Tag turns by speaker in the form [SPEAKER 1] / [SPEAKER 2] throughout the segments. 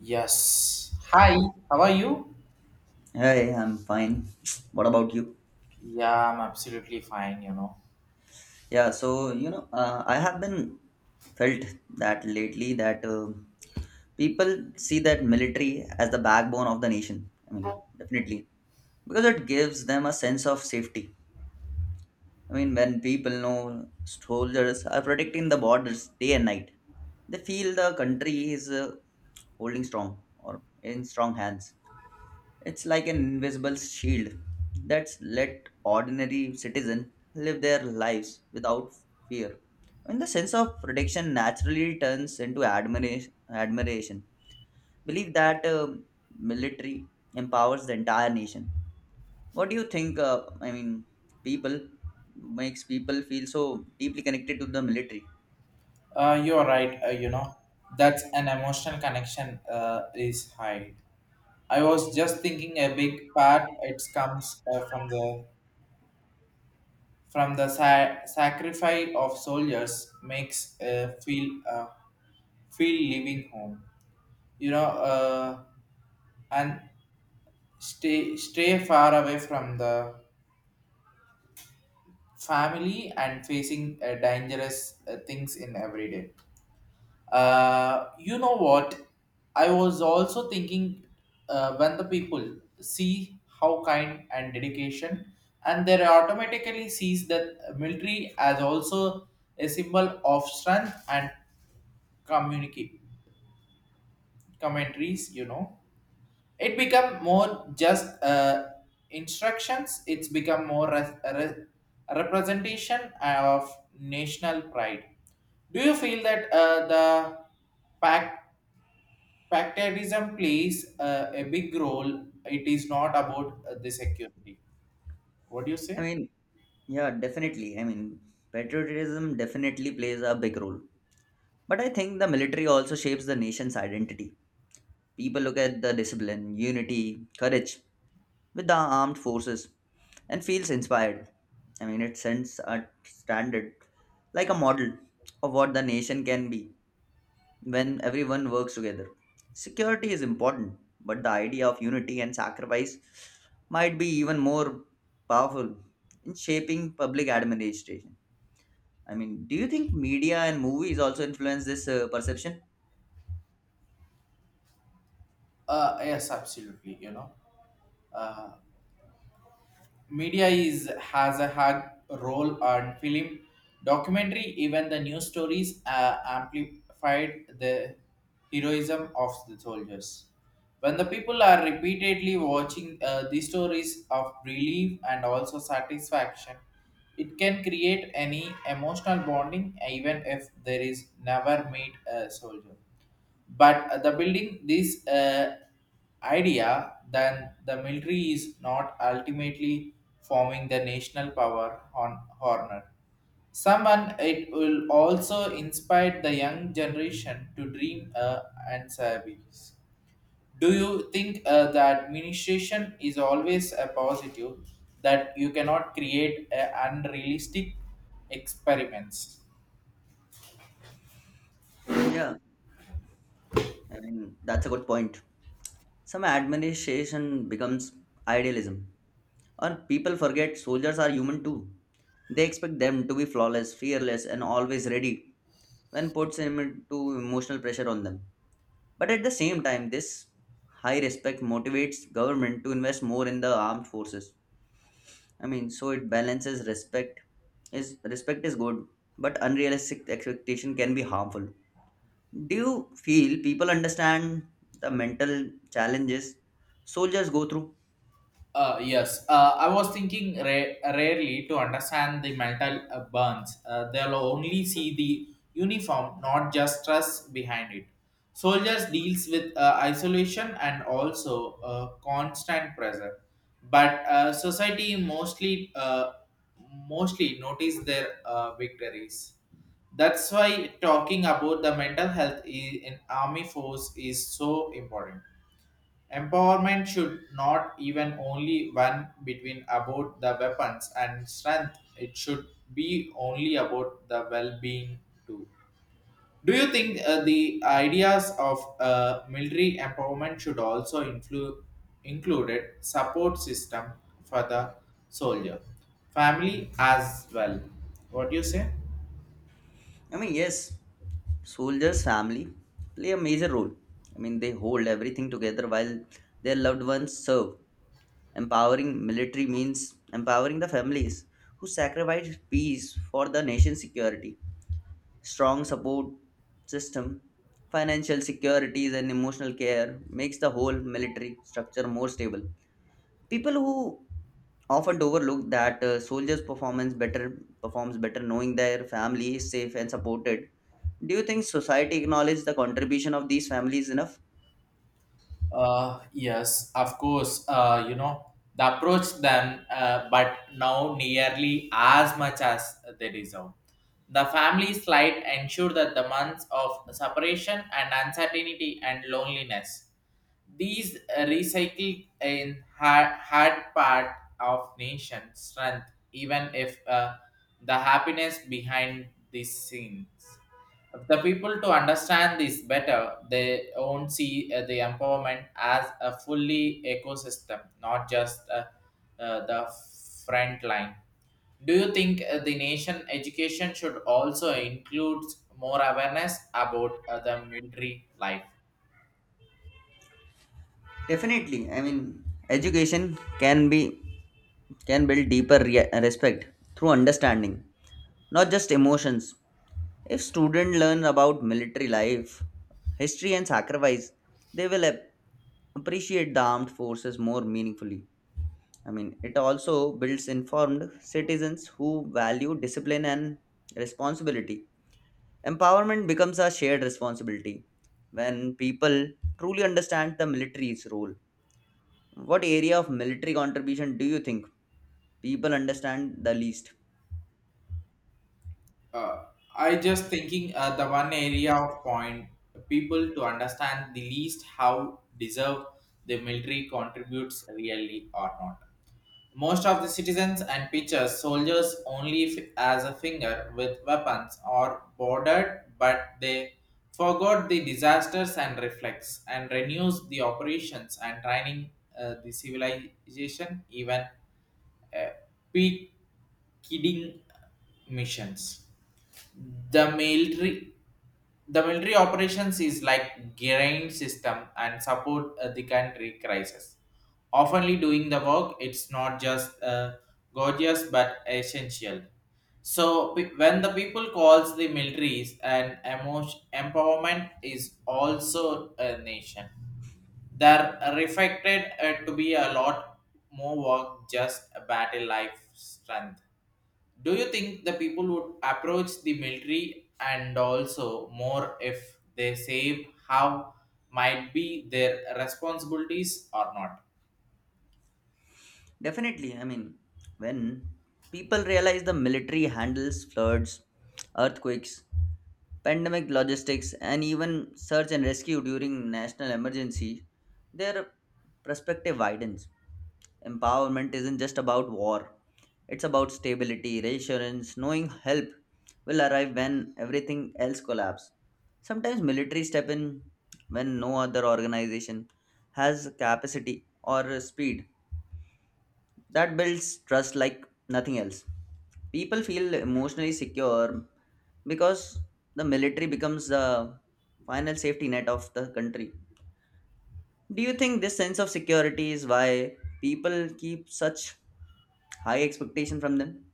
[SPEAKER 1] Yes. Hi, how are you?
[SPEAKER 2] Hey, I'm fine. What about you?
[SPEAKER 1] Yeah, I'm absolutely fine,
[SPEAKER 2] Yeah, I have been felt that lately that people see that military as the backbone of the nation. I mean, definitely because it gives them a sense of safety. I mean, when people know soldiers are protecting the borders day and night, they feel the country is holding strong or in strong hands. It's like an invisible shield that's let ordinary citizens live their lives without fear. And the sense of protection naturally turns into admiration. Believe that military empowers the entire nation. What do you think? I mean, people makes people feel so deeply connected to the military.
[SPEAKER 1] You're right, That's an emotional connection is high. I was just thinking a big part it comes from the from the sacrifice of soldiers makes feel feel leaving home. You know, uh, and stay far away from the family and facing dangerous things in every day. You know what? I was also thinking when the people see how kind and dedication, and they automatically sees that military as also a symbol of strength and communicate commentaries. You know, it become more just instructions. It's become more representation of national pride. Do you feel that the pact Factorism plays a big role. It is not about the security. What do you
[SPEAKER 2] I
[SPEAKER 1] say?
[SPEAKER 2] mean, yeah, definitely. I mean, patriotism definitely plays a big role. But I think the military also shapes the nation's identity. People look at the discipline, unity, courage with the armed forces and feels inspired. I mean, it sends a standard, like a model of what the nation can be when everyone works together. Security is important, but the idea of unity and sacrifice might be even more powerful in shaping public administration. I mean, do you think media and movies also influence this perception?
[SPEAKER 1] Yes, absolutely. Uh, Media is has a hard role on film documentary even the news stories amplified the heroism of the soldiers when the people are repeatedly watching these stories of relief and also satisfaction. It can create any emotional bonding even if there is never meet a soldier, but the building this idea then the military is not ultimately forming the national power on horner someone. It will also inspire the young generation to dream and service. Do you think the administration is always a positive that you cannot create unrealistic experiments?
[SPEAKER 2] Yeah, I mean, that's a good point. Some administration becomes idealism, or people forget soldiers are human too. They expect them to be flawless, fearless, and always ready when puts them into emotional pressure on them. But at the same time, this high respect motivates government to invest more in the armed forces. I mean, so it balances respect. Is respect is good, but unrealistic expectation can be harmful. Do you feel people understand the mental challenges soldiers go through?
[SPEAKER 1] Yes, I was thinking rarely to understand the mental burns. They'll only see the uniform, not just stress behind it. Soldiers deals with isolation and also constant pressure, but society mostly notice their victories. That's why talking about the mental health in army force is so important. Empowerment should not even only one between about the weapons and strength. It should be only about the well-being too. Do you think the ideas of military empowerment should also include included support system for the soldier, family as well? What do you say?
[SPEAKER 2] I mean, yes, soldiers' family play a major role. I mean, they hold everything together while their loved ones serve. Empowering military means empowering the families who sacrifice peace for the nation's security. Strong support system, financial securities, and emotional care makes the whole military structure more stable. People who often overlook that soldiers performance better performs better knowing their family is safe and supported. Do you think society acknowledges the contribution of these families enough?
[SPEAKER 1] Yes, of course. You know the approach them, but now nearly as much as they deserve. The family slide ensure that the months of separation and uncertainty and loneliness. These recycle in hard, hard part of nation strength, even if the happiness behind these scenes. The people to understand this better they won't see the empowerment as a fully ecosystem, not just the front line. Do you think the nation education should also include more awareness about the military life?
[SPEAKER 2] Definitely. I mean, education can be, can build deeper respect through understanding, not just emotions. If students learn about military life, history and sacrifice, they will appreciate the armed forces more meaningfully. I mean, it also builds informed citizens who value discipline and responsibility. Empowerment becomes a shared responsibility when people truly understand the military's role. What area of military contribution do you think people understand the least?
[SPEAKER 1] uh, I just thinking the one area of point people to understand the least how deserve the military contributes really or not. Most of the citizens and pictures soldiers only as a finger with weapons or bordered, but they forgot the disasters and reflex and renews the operations and training the civilization even uh, peak kidding missions. the military the military operations is like grain system and support the country crisis oftenly doing the work. It's not just gorgeous but essential. So when the people calls the militaries and emotion empowerment is also a nation, they're reflected to be a lot more work just a battle life strength. Do you think the people would approach the military and also more if they save how might be their responsibilities or not?
[SPEAKER 2] Definitely. I mean, when people realize the military handles floods, earthquakes, pandemic logistics, and even search and rescue during national emergency, their perspective widens. Empowerment isn't just about war, it's about stability, reassurance, knowing help will arrive when everything else collapses. Sometimes military step in when no other organization has capacity or speed that builds trust like nothing else. People feel emotionally secure because the military becomes the final safety net of the country. Do you think this sense of security is why people keep such high expectation from them?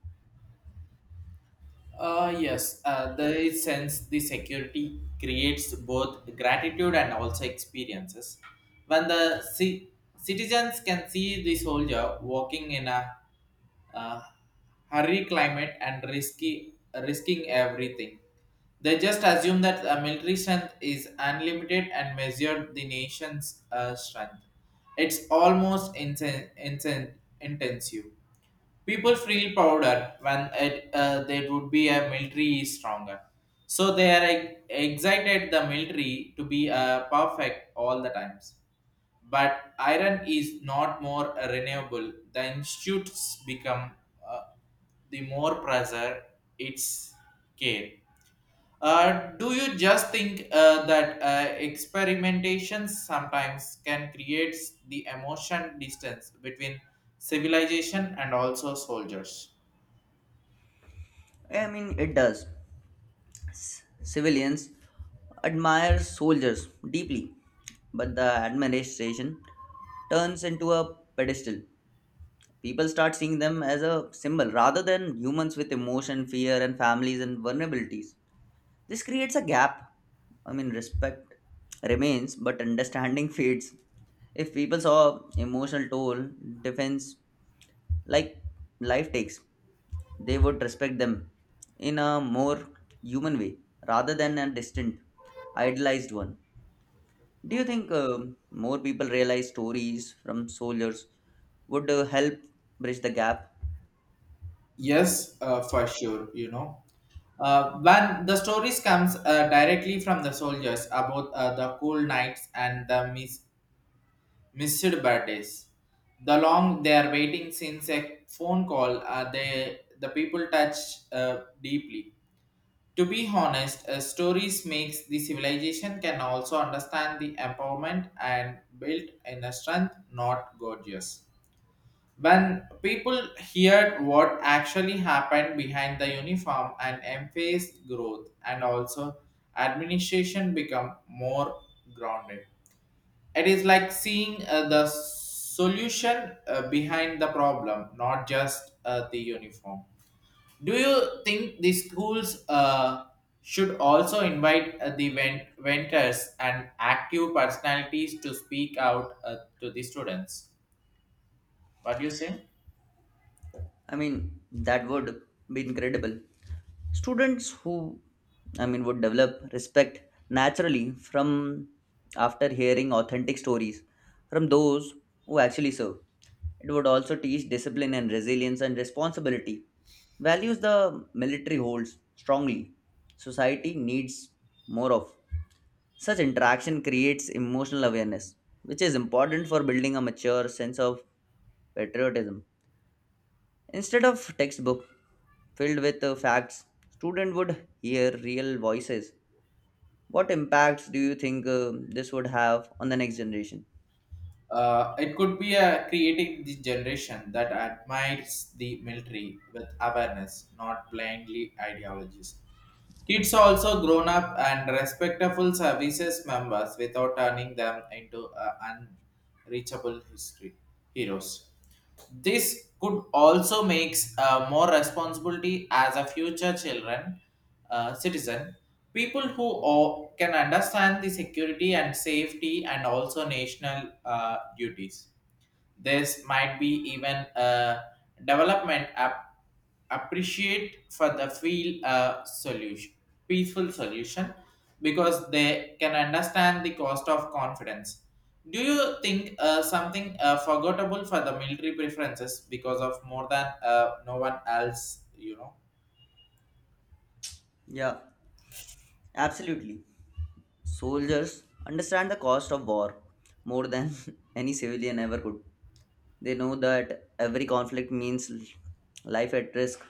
[SPEAKER 1] Yes, the sense the security creates both gratitude and also experiences. When the citizens can see the soldier walking in a uh, hurry climate and risky risking everything. They just assume that military strength is unlimited and measured the nation's strength. It's almost intensive. People feel prouder when it, there would be a military is stronger. So they are excited the military to be perfect all the times, but iron is not more renewable. The institutes become uh, the more pressure its care. Do you just think that experimentations sometimes can create the emotion distance between civilization and also soldiers?
[SPEAKER 2] I mean, it does. Civilians admire soldiers deeply, but the admiration turns into a pedestal. People start seeing them as a symbol rather than humans with emotion, fear, and families and vulnerabilities. This creates a gap. I mean, respect remains, but understanding fades. If people saw emotional toll, defense, like life takes, they would respect them in a more human way rather than a distant, idealized one. Do you think more people realize stories from soldiers would help bridge the gap?
[SPEAKER 1] Yes, for sure. When the stories comes directly from the soldiers about the cool nights and the missed birthdays. The long they are waiting since a phone call, they, the people touch deeply. To be honest, stories makes the civilization can also understand the empowerment and built in a strength, not gorgeous. When people heard what actually happened behind the uniform and emphasized growth and also administration become more grounded. It is like seeing the solution behind the problem, not just the uniform. Do you think the schools should also invite the venters and active personalities to speak out to the students? What do you say?
[SPEAKER 2] I mean, that would be incredible. Students who, I mean, would develop respect naturally from after hearing authentic stories from those who actually serve. It would also teach discipline and resilience and responsibility, values the military holds strongly. Society needs more of. Such interaction creates emotional awareness, which is important for building a mature sense of patriotism. Instead of textbook filled with facts, student would hear real voices. What impacts do you think this would have on the next generation?
[SPEAKER 1] It could be a creating the generation that admires the military with awareness, not blindly ideologies. Kids also grown up and respectful services members without turning them into unreachable history heroes. This could also makes more responsibility as a future children citizen. People who can understand the security and safety and also national duties. This might be even a development appreciate for the feel solution, peaceful solution, because they can understand the cost of confidence. Do you think something forgettable for the military preferences because of more than no one else, you know?
[SPEAKER 2] Yeah, absolutely. Soldiers understand the cost of war more than any civilian ever could. They know that every conflict means life at risk,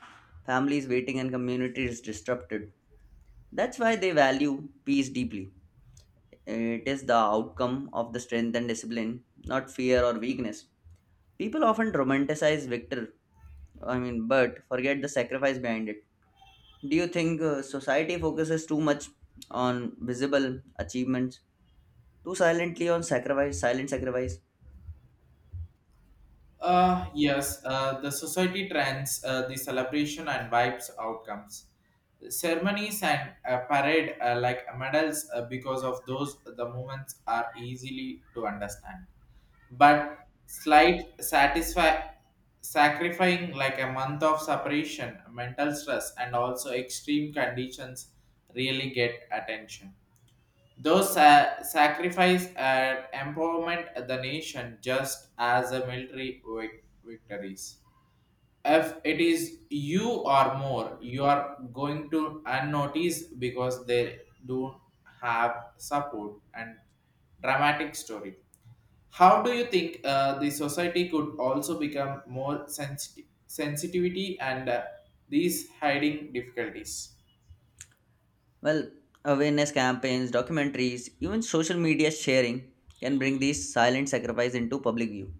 [SPEAKER 2] families waiting, and communities disrupted. That's why they value peace deeply. It is the outcome of the strength and discipline, not fear or weakness. People often romanticize victor, I mean, but forget the sacrifice behind it. Do you think society focuses too much on visible achievements, too silently on sacrifice, silent sacrifice?
[SPEAKER 1] Yes, the society trends, the celebration and vibes outcomes. Ceremonies and parade like medals because of those the moments are easily to understand. But slight satisfy sacrificing like a month of separation, mental stress and also extreme conditions really get attention. Those sacrifice and empowerment the nation just as a military victories. If it is you or more, you are going to unnoticed because they do have support and dramatic story. How do you think the society could also become more sensitive sensitivity and these hiding difficulties?
[SPEAKER 2] Well, awareness campaigns, documentaries, even social media sharing can bring these silent sacrifice into public view.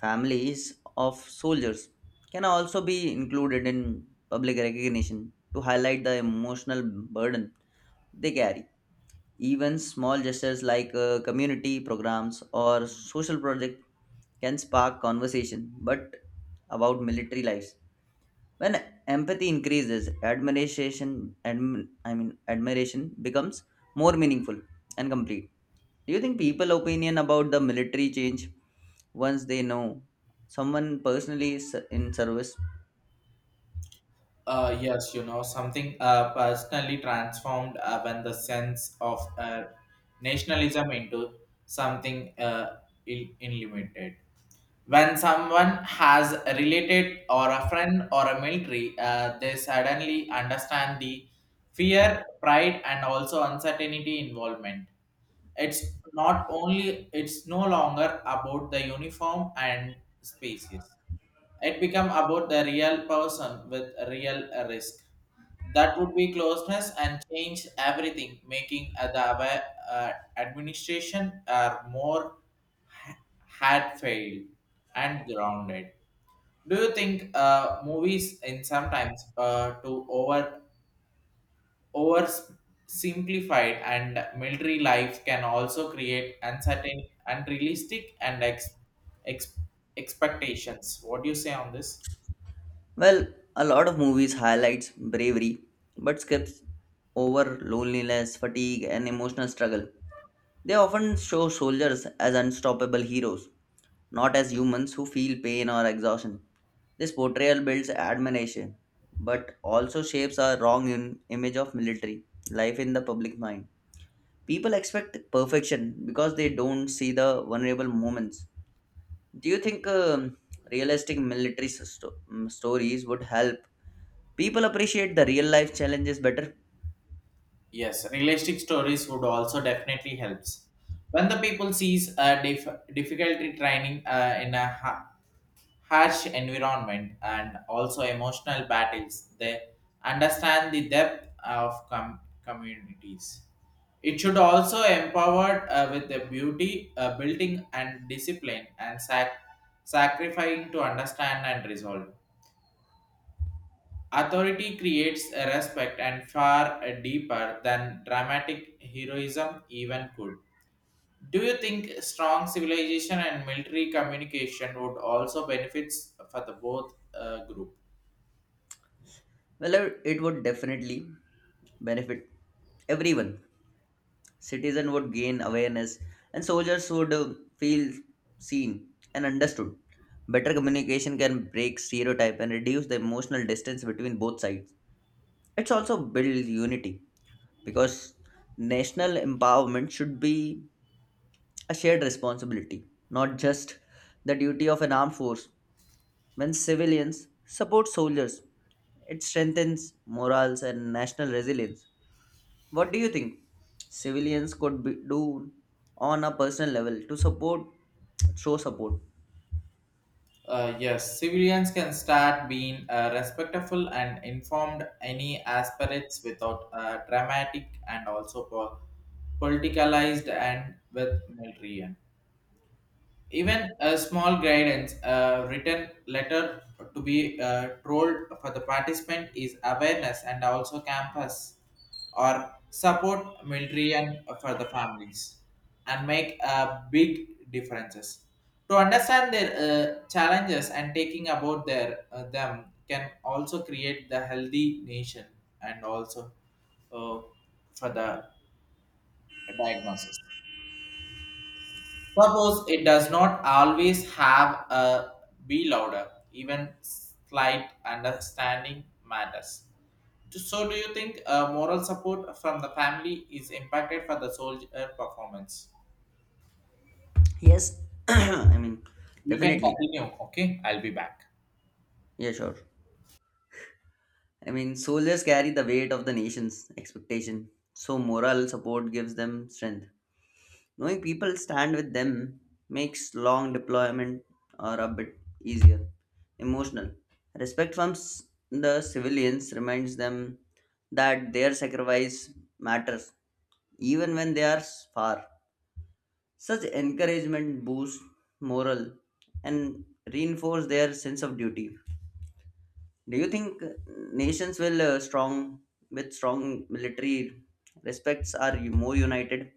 [SPEAKER 2] Families of soldiers can also be included in public recognition to highlight the emotional burden they carry. Even small gestures like community programs or social projects can spark conversation, but about military lives. When empathy increases, I mean, admiration becomes more meaningful and complete. Do you think people opinion about the military change once they know someone personally is in service?
[SPEAKER 1] Yes, you know, something personally transformed when the sense of nationalism into something unlimited. When someone has a related or a friend or a military, they suddenly understand the fear, pride, and also uncertainty involvement. It's not only it's no longer about the uniform and spaces, it become about the real person with real risk. That would be closeness and change everything, making administration are more ha- had failed and grounded. Do you think movies in sometimes to over simplified and military life can also create uncertain, unrealistic, and ex- expectations? What do you say on this?
[SPEAKER 2] Well, a lot of movies highlights bravery, but skips over loneliness, fatigue, and emotional struggle. They often show soldiers as unstoppable heroes, not as humans who feel pain or exhaustion. This portrayal builds admiration, but also shapes our wrong image of military life in the public mind. People expect perfection because they don't see the vulnerable moments. Do you think realistic military stories would help people appreciate the real life challenges better?
[SPEAKER 1] Yes, realistic stories would also definitely helps. When the people sees a difficulty training in a harsh environment and also emotional battles, they understand the depth of communities. It should also empowered with the beauty, building and discipline and sacrificing to understand and resolve. Authority creates a respect and far deeper than dramatic heroism even could. Do you think strong civilization and military communication would also benefits for the both group?
[SPEAKER 2] Well, it would definitely benefit everyone. Citizen would gain awareness, and soldiers would feel seen and understood. Better communication can break stereotype and reduce the emotional distance between both sides. It's also build unity because national empowerment should be a shared responsibility, not just the duty of an armed force. When civilians support soldiers, it strengthens morals and national resilience. What do you think civilians could be, do on a personal level to support, show support?
[SPEAKER 1] Yes, civilians can start being respectful and informed any aspirates without dramatic and also politicalized and with military. Even a small guidance, a written letter to be trolled for the participant is awareness and also campus or support military and for the families and make big differences. To understand their challenges and taking about their them can also create the healthy nation and also uh, for the diagnosis. Suppose it does not always have a be louder, even slight understanding matters. So, do you think moral support from the family is impacted for the soldier performance?
[SPEAKER 2] Yes, I mean,
[SPEAKER 1] You can
[SPEAKER 2] definitely.
[SPEAKER 1] continue, okay? I'll be back.
[SPEAKER 2] Yeah, sure. I mean, soldiers carry the weight of the nation's expectation, so moral support gives them strength. Knowing people stand with them makes long deployment or a bit easier. Emotional respect from the civilians reminds them that their sacrifice matters even when they are far. Such encouragement boosts morale and reinforce their sense of duty. Do you think nations will strong with strong military respects are more united?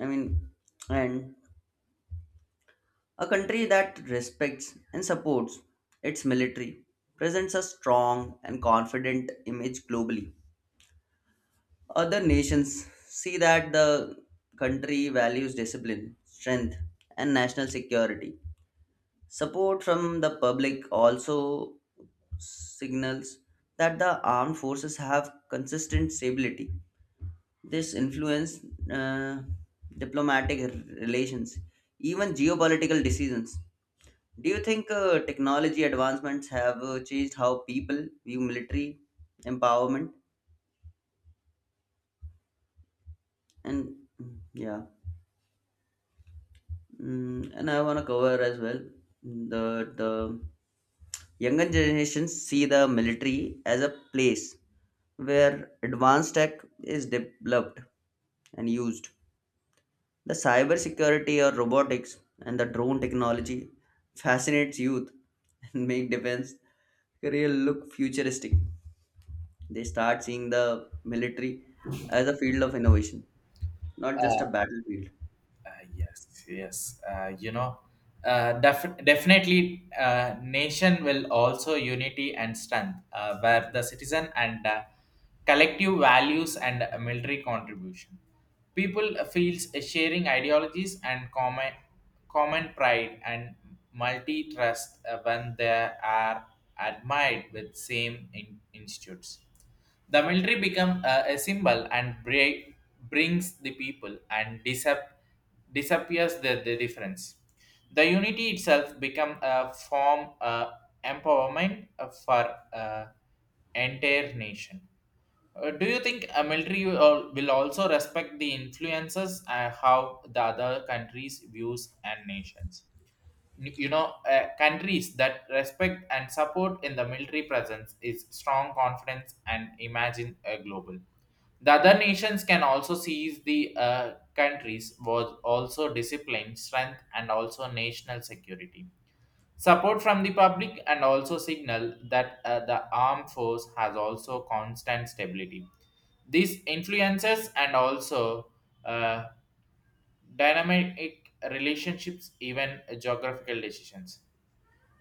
[SPEAKER 2] I mean, and a country that respects and supports its military presents a strong and confident image globally. Other nations see that the country values discipline, strength, and national security. Support from the public also signals that the armed forces have consistent stability. This influence uh, diplomatic relations, even geopolitical decisions. Do you think technology advancements have changed how people view military empowerment? And yeah. And I want to cover as well the younger generations see the military as a place where advanced tech is developed and used. The cybersecurity or robotics and the drone technology fascinates youth and make defense career look futuristic. They start seeing the military as a field of innovation, not just a battlefield.
[SPEAKER 1] Uh, yes, yes. Definitely, nation will also unity and strength, where the citizen and collective values and military contribution. People feels sharing ideologies and common pride and multi trust when they are admired with same institutes. The military become a symbol and brings the people and disappears the difference. The unity itself become a form empowerment for entire nation. Do you think a military will will also respect the influences and how the other countries views and nations? You know countries that respect and support in the military presence is strong confidence and imagine a global. The other nations can also seize the countries was also discipline strength and also national security. Support from the public and also signal that the armed force has also constant stability. These influences and also uh, dynamic relationships even geographical decisions.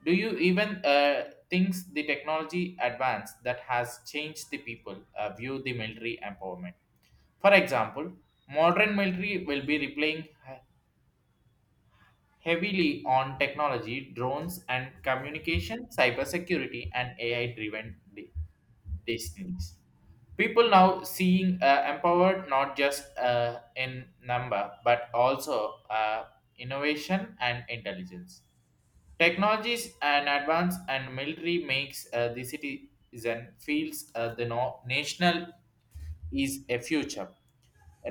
[SPEAKER 1] Do you even think the technology advance that has changed the people view the military empowerment? For example, modern military will be relying heavily on technology, drones, and communication, cybersecurity, and AI-driven destinies. People now seeing empowered not just in number but also innovation and intelligence. Technologies and advance and military makes the citizen feels the national is a future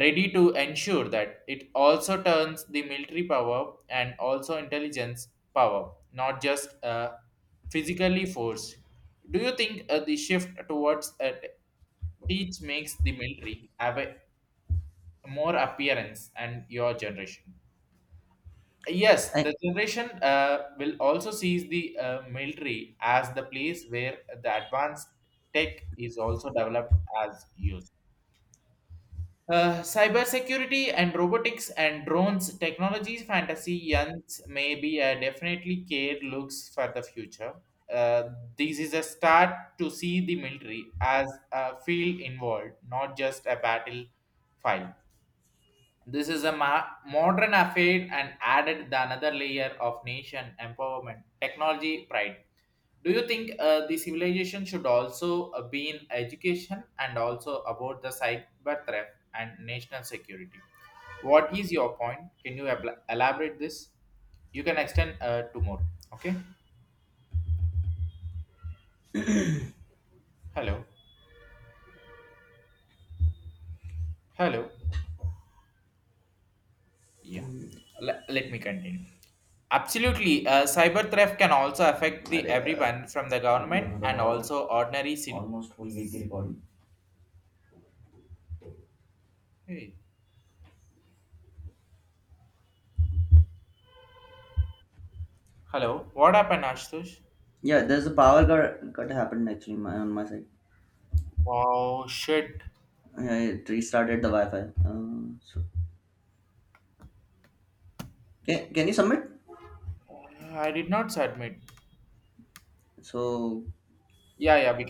[SPEAKER 1] ready to ensure that it also turns the military power and also intelligence power not just physically force. Do you think the shift towards teach makes the military have a more appearance and your generation? Yes,
[SPEAKER 2] I,
[SPEAKER 1] the generation will also sees the military as the place where the advanced tech is also developed as used. Cybersecurity and robotics and drones technologies fantasy youngs may be a definitely care looks for the future. Uh, this is a start to see the military as a field involved, not just a battle file. This is a modern affair and added the another layer of nation empowerment, technology pride. Do you think the civilization should also be in education and also about the cyber threat and national security? What is your point? Can you elaborate this? You can extend to more. Okay. Hello. Hello. Yeah. Let me continue. Absolutely, cyber theft can also affect the
[SPEAKER 2] अरे यार।
[SPEAKER 1] everyone from the government and also ordinary city. Hey, hello, what happened, Ashtush?
[SPEAKER 2] Yeah, there's a power cut happened actually my, on my side.
[SPEAKER 1] Wow, shit!
[SPEAKER 2] Yeah, it restarted the Wi-Fi. So can you submit?
[SPEAKER 1] I did not submit.
[SPEAKER 2] So
[SPEAKER 1] Yeah, yeah, we